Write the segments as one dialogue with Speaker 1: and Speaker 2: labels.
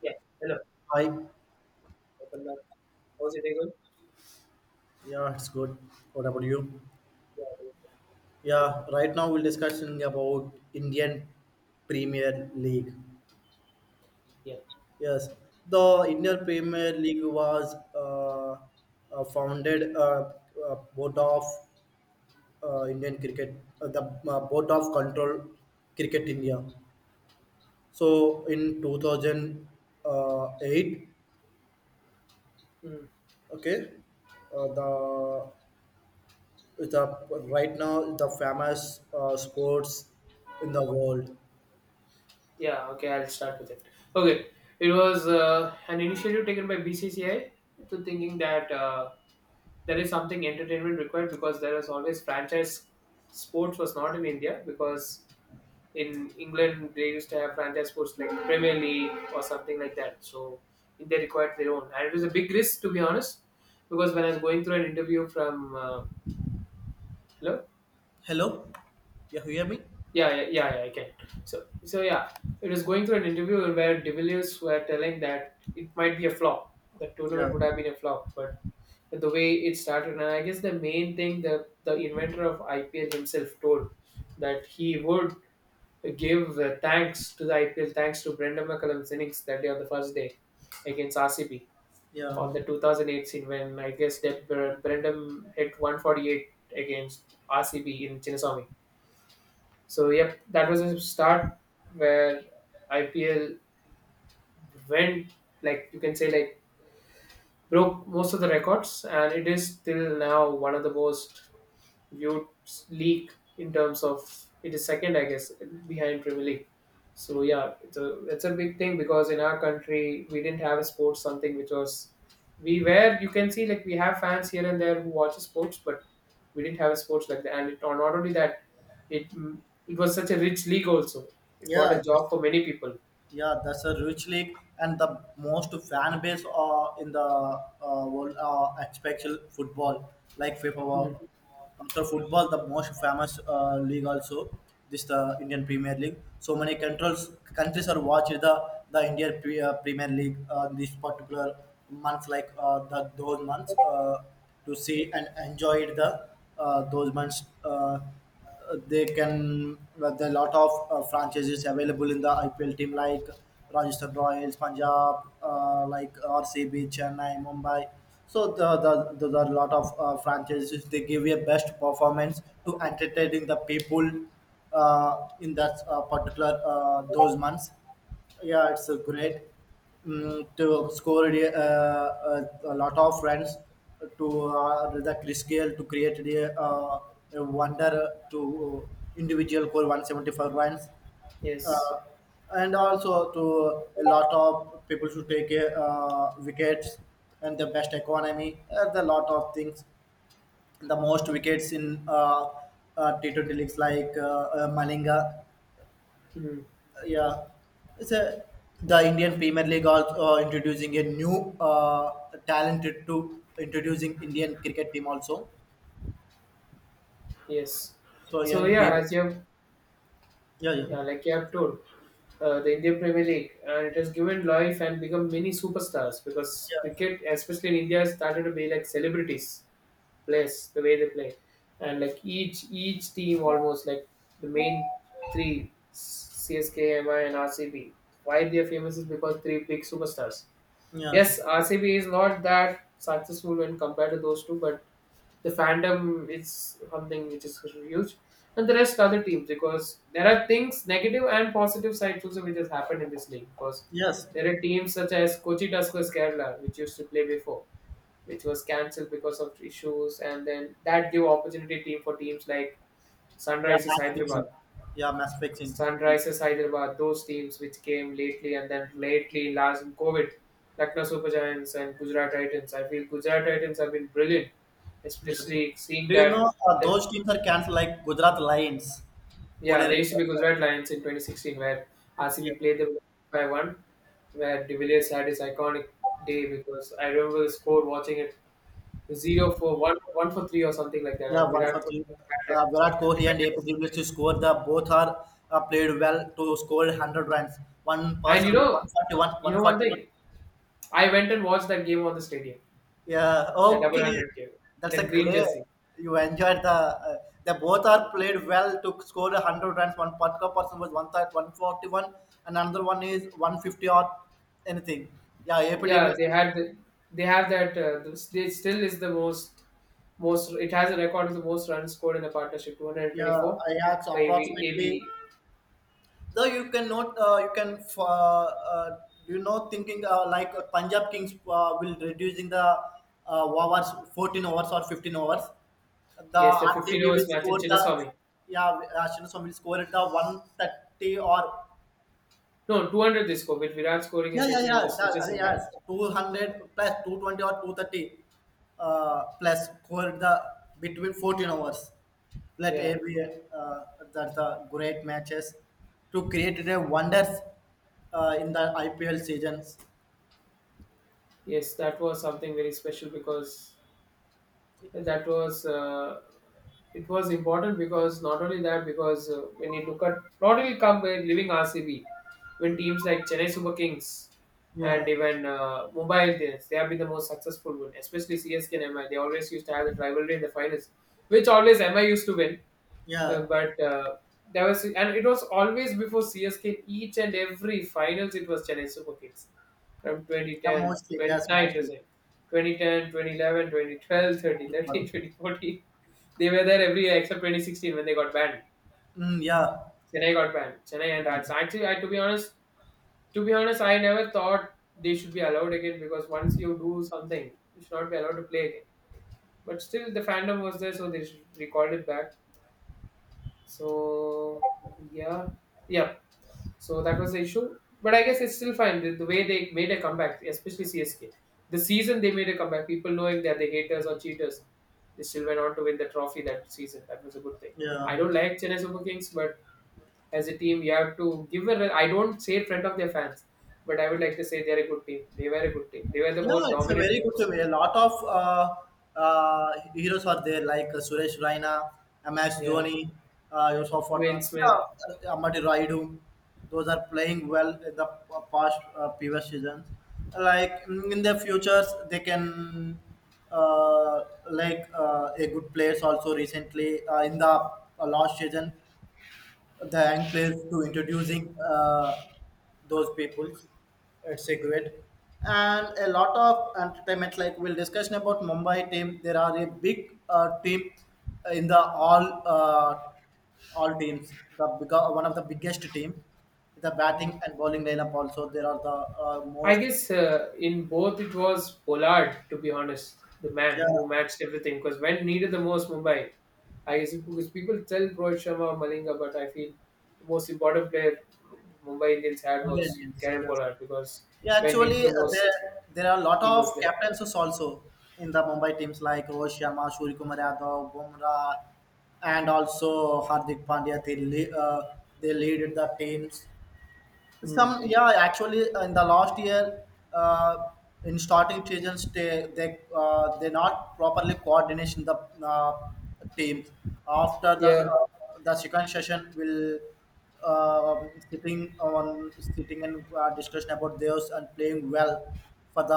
Speaker 1: Yeah, hello.
Speaker 2: Hi.
Speaker 1: Welcome back. How's your day going?
Speaker 2: Yeah, it's good. What about you?
Speaker 1: Yeah, it was good.
Speaker 2: Yeah, right now we'll discussing about Indian Premier League.
Speaker 1: Yeah.
Speaker 2: Yes, the Indian Premier League was founded board of Indian cricket, the board of control cricket India. So in 2008,
Speaker 1: Hmm.
Speaker 2: okay, uh, the the right now the famous sports in the world.
Speaker 1: Yeah, okay, I'll start with it. Okay, it was an initiative taken by BCCI to thinking that there is something entertainment required because there is always franchise sports was not in India because in England they used to have franchise sports like Premier League or something like that. So India required their own, and it was a big risk to be honest because when I was going through an interview from hello.
Speaker 2: Hello? Yeah, you hear me?
Speaker 1: Yeah, yeah, yeah, yeah, I can. So yeah, it was going through an interview where De Villiers were telling that it might be a flop. The
Speaker 2: Yeah,
Speaker 1: tournament would have been a flop, but the way it started, and I guess the main thing that the inventor of IPL himself told that he would give thanks to the IPL, thanks to Brendan McCullum's innings that day on the first day against RCB
Speaker 2: yeah,
Speaker 1: on the 2008 scene when I guess that Brendan hit 148 against RCB in Chinnaswamy. So yep, that was a start where IPL went, like you can say, like broke most of the records, and it is till now one of the most viewed league in terms of it is second, I guess, behind Premier League. So yeah, it's a big thing because in our country we didn't have a sports, something which was, we were, you can see like we have fans here and there who watch sports, but we didn't have a sports like that. And it, or not only that, it it was such a rich league also. It brought
Speaker 2: yeah,
Speaker 1: a
Speaker 2: yes,
Speaker 1: job for many people.
Speaker 2: yeah. That's a rich league and the most fan base in the world, especially football, like FIFA.
Speaker 1: Hmm.
Speaker 2: After football, the most famous league also this the Indian Premier League. So many controls countries are watching the Indian Premier League this particular month, like the those months to see and enjoy the those months. They can but there are a lot of franchises available in the IPL team like Rajasthan Royals, Punjab, like RCB, Chennai, Mumbai. So there are a lot of franchises. They give a best performance to entertaining the people in that particular those months. Yeah, it's a great, to score a lot of runs to the Chris Gale, to create the a wonder to individual score 175 runs.
Speaker 1: Yes.
Speaker 2: Uh, and also to a lot of people should take wickets and the best economy and a lot of things, the most wickets in T20 leagues like Malinga,
Speaker 1: Hmm.
Speaker 2: yeah. It's a the Indian Premier League also introducing a new talented to introducing Indian cricket team also,
Speaker 1: Yes.
Speaker 2: so
Speaker 1: So
Speaker 2: young
Speaker 1: yeah,
Speaker 2: people.
Speaker 1: as you have,
Speaker 2: Yeah, yeah,
Speaker 1: yeah, like you have told. The Indian Premier League, and it has given life and become many superstars because
Speaker 2: yeah,
Speaker 1: cricket, especially in India, started to be like celebrities players the way they play, and like each team almost like the main three, CSK, MI, and RCB. Why they are famous is because three big superstars.
Speaker 2: yes,
Speaker 1: Yes, RCB is not that successful when compared to those two, but the fandom is something which is huge, and the rest other teams, because there are things negative and positive sides also which has happened in this league, because
Speaker 2: yes,
Speaker 1: there are teams such as Kochi Tuskers Kerala which used to play before, which was cancelled because of issues, and then that gave opportunity team for teams like
Speaker 2: yeah.
Speaker 1: Sunrisers
Speaker 2: Match
Speaker 1: Hyderabad,
Speaker 2: fixing, yeah. Match fixing.
Speaker 1: Sunrises Hyderabad, those teams which came lately, and then lately last in COVID, Lucknow Super Giants and Gujarat Titans. I feel Gujarat Titans have been brilliant,
Speaker 2: Yes,
Speaker 1: especially seeing
Speaker 2: do you
Speaker 1: that,
Speaker 2: know
Speaker 1: that,
Speaker 2: those teams are cancelled, like Gujarat Lions, Pune
Speaker 1: yeah, they
Speaker 2: Red
Speaker 1: used to be
Speaker 2: Stars.
Speaker 1: Gujarat Lions in 2016 where
Speaker 2: Yeah.
Speaker 1: RCB played them by one, where De Villiers had his iconic day because I remember the score watching it, zero for one, one for three or something like that,
Speaker 2: Yeah,
Speaker 1: and
Speaker 2: one
Speaker 1: Virat
Speaker 2: for
Speaker 1: Kohli
Speaker 2: three.
Speaker 1: had that
Speaker 2: Virat Kohli and April
Speaker 1: tremendous.
Speaker 2: Devils to score. The both are played well to score 100 runs. One
Speaker 1: And
Speaker 2: person with 141,
Speaker 1: you know one
Speaker 2: 141.
Speaker 1: thing, I went and watched that game on the stadium.
Speaker 2: Yeah,
Speaker 1: The double
Speaker 2: okay.
Speaker 1: hundred K,
Speaker 2: That's
Speaker 1: that
Speaker 2: a
Speaker 1: green
Speaker 2: great.
Speaker 1: jersey.
Speaker 2: You enjoyed the. They both are played well to score 100 runs. One particular person was 130 and another one is 150 or anything. Yeah, April
Speaker 1: Yeah,
Speaker 2: Devils.
Speaker 1: they had the, they have that. The, they still is the most most. It has a record of the most runs scored in the partnership, two hundred
Speaker 2: Yeah,
Speaker 1: twenty four
Speaker 2: I had
Speaker 1: by
Speaker 2: approximately,
Speaker 1: AB.
Speaker 2: though you cannot you can, you know, thinking like Punjab Kings will reducing the hours, 14 hours or 15 hours, the
Speaker 1: Yes, the 15
Speaker 2: RCB will
Speaker 1: overs match in
Speaker 2: score the,
Speaker 1: Chinnaswamy.
Speaker 2: yeah. Ashwin will score at the 130 or
Speaker 1: No, 200 they score with Virat scoring a
Speaker 2: yeah, yeah,
Speaker 1: century with
Speaker 2: yeah.
Speaker 1: the
Speaker 2: That,
Speaker 1: stitches in hand.
Speaker 2: yes, 200 plus, 220 or 230 plus for the between 14 hours. Let
Speaker 1: Yeah,
Speaker 2: every, uh, that's the great matches to create the wonders in the IPL seasons.
Speaker 1: yes, that was something very special because that was it was important because not only that, because when you look at not only come by living RCB, when teams like Chennai Super Kings
Speaker 2: Yeah.
Speaker 1: and even Mumbai Indians, they have been the most successful one, especially CSK and MI, they always used to have that rivalry in the finals which always MI used to win, uh,
Speaker 2: Yeah,
Speaker 1: but uh, there was, and it was always before CSK in each and every finals. It was Chennai Super Kings from twenty
Speaker 2: yeah,
Speaker 1: ten,
Speaker 2: mostly.
Speaker 1: twenty
Speaker 2: Yes,
Speaker 1: nine to
Speaker 2: mostly.
Speaker 1: say, 2010. They were there every year except 2016 when they got banned.
Speaker 2: Mm, yeah,
Speaker 1: Chennai got banned. Chennai and
Speaker 2: yeah,
Speaker 1: Rajasthan. Actually, I, to be honest, I never thought they should be allowed again because once you do something, you should not be allowed to play again. But still, the fandom was there, so they should record it back. So yeah, yeah. So that was the issue. But I guess it's still fine. The way they made a comeback, especially CSK, the season they made a comeback, people knowing that they're the haters or cheaters, they still went on to win the trophy that season. That was a good thing.
Speaker 2: yeah.
Speaker 1: I don't like Chennai Super Kings, but as a team, you have to give a. I don't say in front of their fans, but I would like to say they're a good team. They were a good team. They were the
Speaker 2: Yeah,
Speaker 1: more
Speaker 2: it's a
Speaker 1: dominant
Speaker 2: very good to
Speaker 1: teams.
Speaker 2: me. A lot of heroes are there, like Suresh Raina, MS
Speaker 1: Yeah,
Speaker 2: Dhoni, Yusuf
Speaker 1: Dwayne
Speaker 2: Pathan,
Speaker 1: Smith.
Speaker 2: yeah, Amati Raidu. Those are playing well in the past previous seasons. Like, in the futures, they can uh, like a good players also, recently in the last season, thank place to introducing those peoples. It's a great and a lot of entertainment. Like we'll discussion about Mumbai team. There are a big team in the all teams. The big, one of the biggest team. The batting and bowling lineup also. There are the
Speaker 1: I
Speaker 2: most,
Speaker 1: guess in both it was Pollard, to be honest, the man who
Speaker 2: yeah.
Speaker 1: matched everything. Because when needed the most, Mumbai. I guess because people tell Rohit Sharma, Malinga, but I feel the most important player Mumbai Indians had
Speaker 2: Mumbai
Speaker 1: was
Speaker 2: Indians.
Speaker 1: Karen
Speaker 2: Yes.
Speaker 1: Pollard because
Speaker 2: Yeah,
Speaker 1: when needed
Speaker 2: actually,
Speaker 1: the
Speaker 2: there
Speaker 1: most,
Speaker 2: there are a lot
Speaker 1: he
Speaker 2: of
Speaker 1: was there.
Speaker 2: captains also in the Mumbai teams like Rohit Sharma, Surya Kumar Yadav, Bumrah, and also Hardik Pandya. They lead the teams,
Speaker 1: Mm.
Speaker 2: some, yeah, actually, in the last year, uh, in starting seasons, they not properly coordination the uh, teams. After
Speaker 1: Yeah,
Speaker 2: the second session, will sitting on sitting and discussion about theirs and playing well for the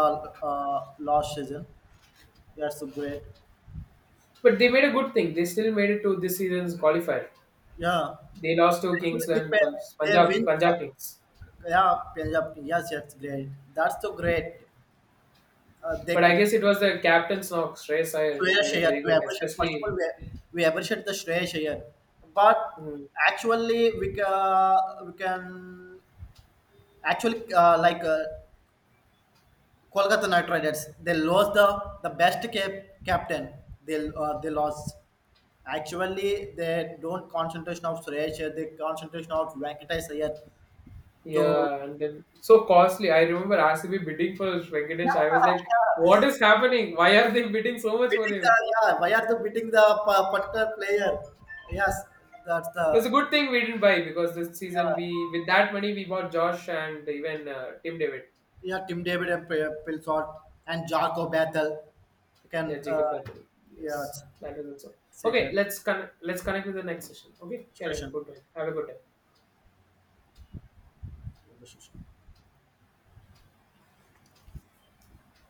Speaker 2: last season. That's so great.
Speaker 1: but they made a good thing. They still made it to this season's qualifier.
Speaker 2: Yeah,
Speaker 1: They lost to
Speaker 2: actually,
Speaker 1: Kingsland,
Speaker 2: they
Speaker 1: Punjab,
Speaker 2: win.
Speaker 1: Punjab Kings.
Speaker 2: Yeah, Punjab. Yes, that's great. That's so great. They
Speaker 1: But I
Speaker 2: could
Speaker 1: guess it was the captain's knock, Shreyas Iyer, who
Speaker 2: Shreya
Speaker 1: played a
Speaker 2: Iyer.
Speaker 1: very
Speaker 2: We
Speaker 1: good,
Speaker 2: appreciate, first of
Speaker 1: especially.
Speaker 2: all, we appreciate the Shreya Iyer, but
Speaker 1: Mm.
Speaker 2: actually we can actually like Kolkata Knight Riders, they lost the best captain, they lost. Actually, they don't concentration of Suresh, Iyer, they concentration of Venkatesh Iyer to
Speaker 1: Yeah, and then so costly. I remember RCB bidding for Venkatesh. I was like, what is happening? Why are they bidding so much for
Speaker 2: beating the,
Speaker 1: him?
Speaker 2: yeah. Why are they beating the particular player? Yes, that's the,
Speaker 1: It was a good thing we didn't buy because this season
Speaker 2: yeah.
Speaker 1: we, with that money, we bought Josh and even Tim David.
Speaker 2: Yeah, Tim David and Pilsod and Jarko Bethel. You can,
Speaker 1: Yeah, Jacob Bethel.
Speaker 2: yeah,
Speaker 1: Yes, that was also
Speaker 2: it's a
Speaker 1: okay.
Speaker 2: good
Speaker 1: Let's let's connect with the next session. Okay, carry on.
Speaker 2: discussion.
Speaker 1: Good one. Have a good day.
Speaker 2: Conversation.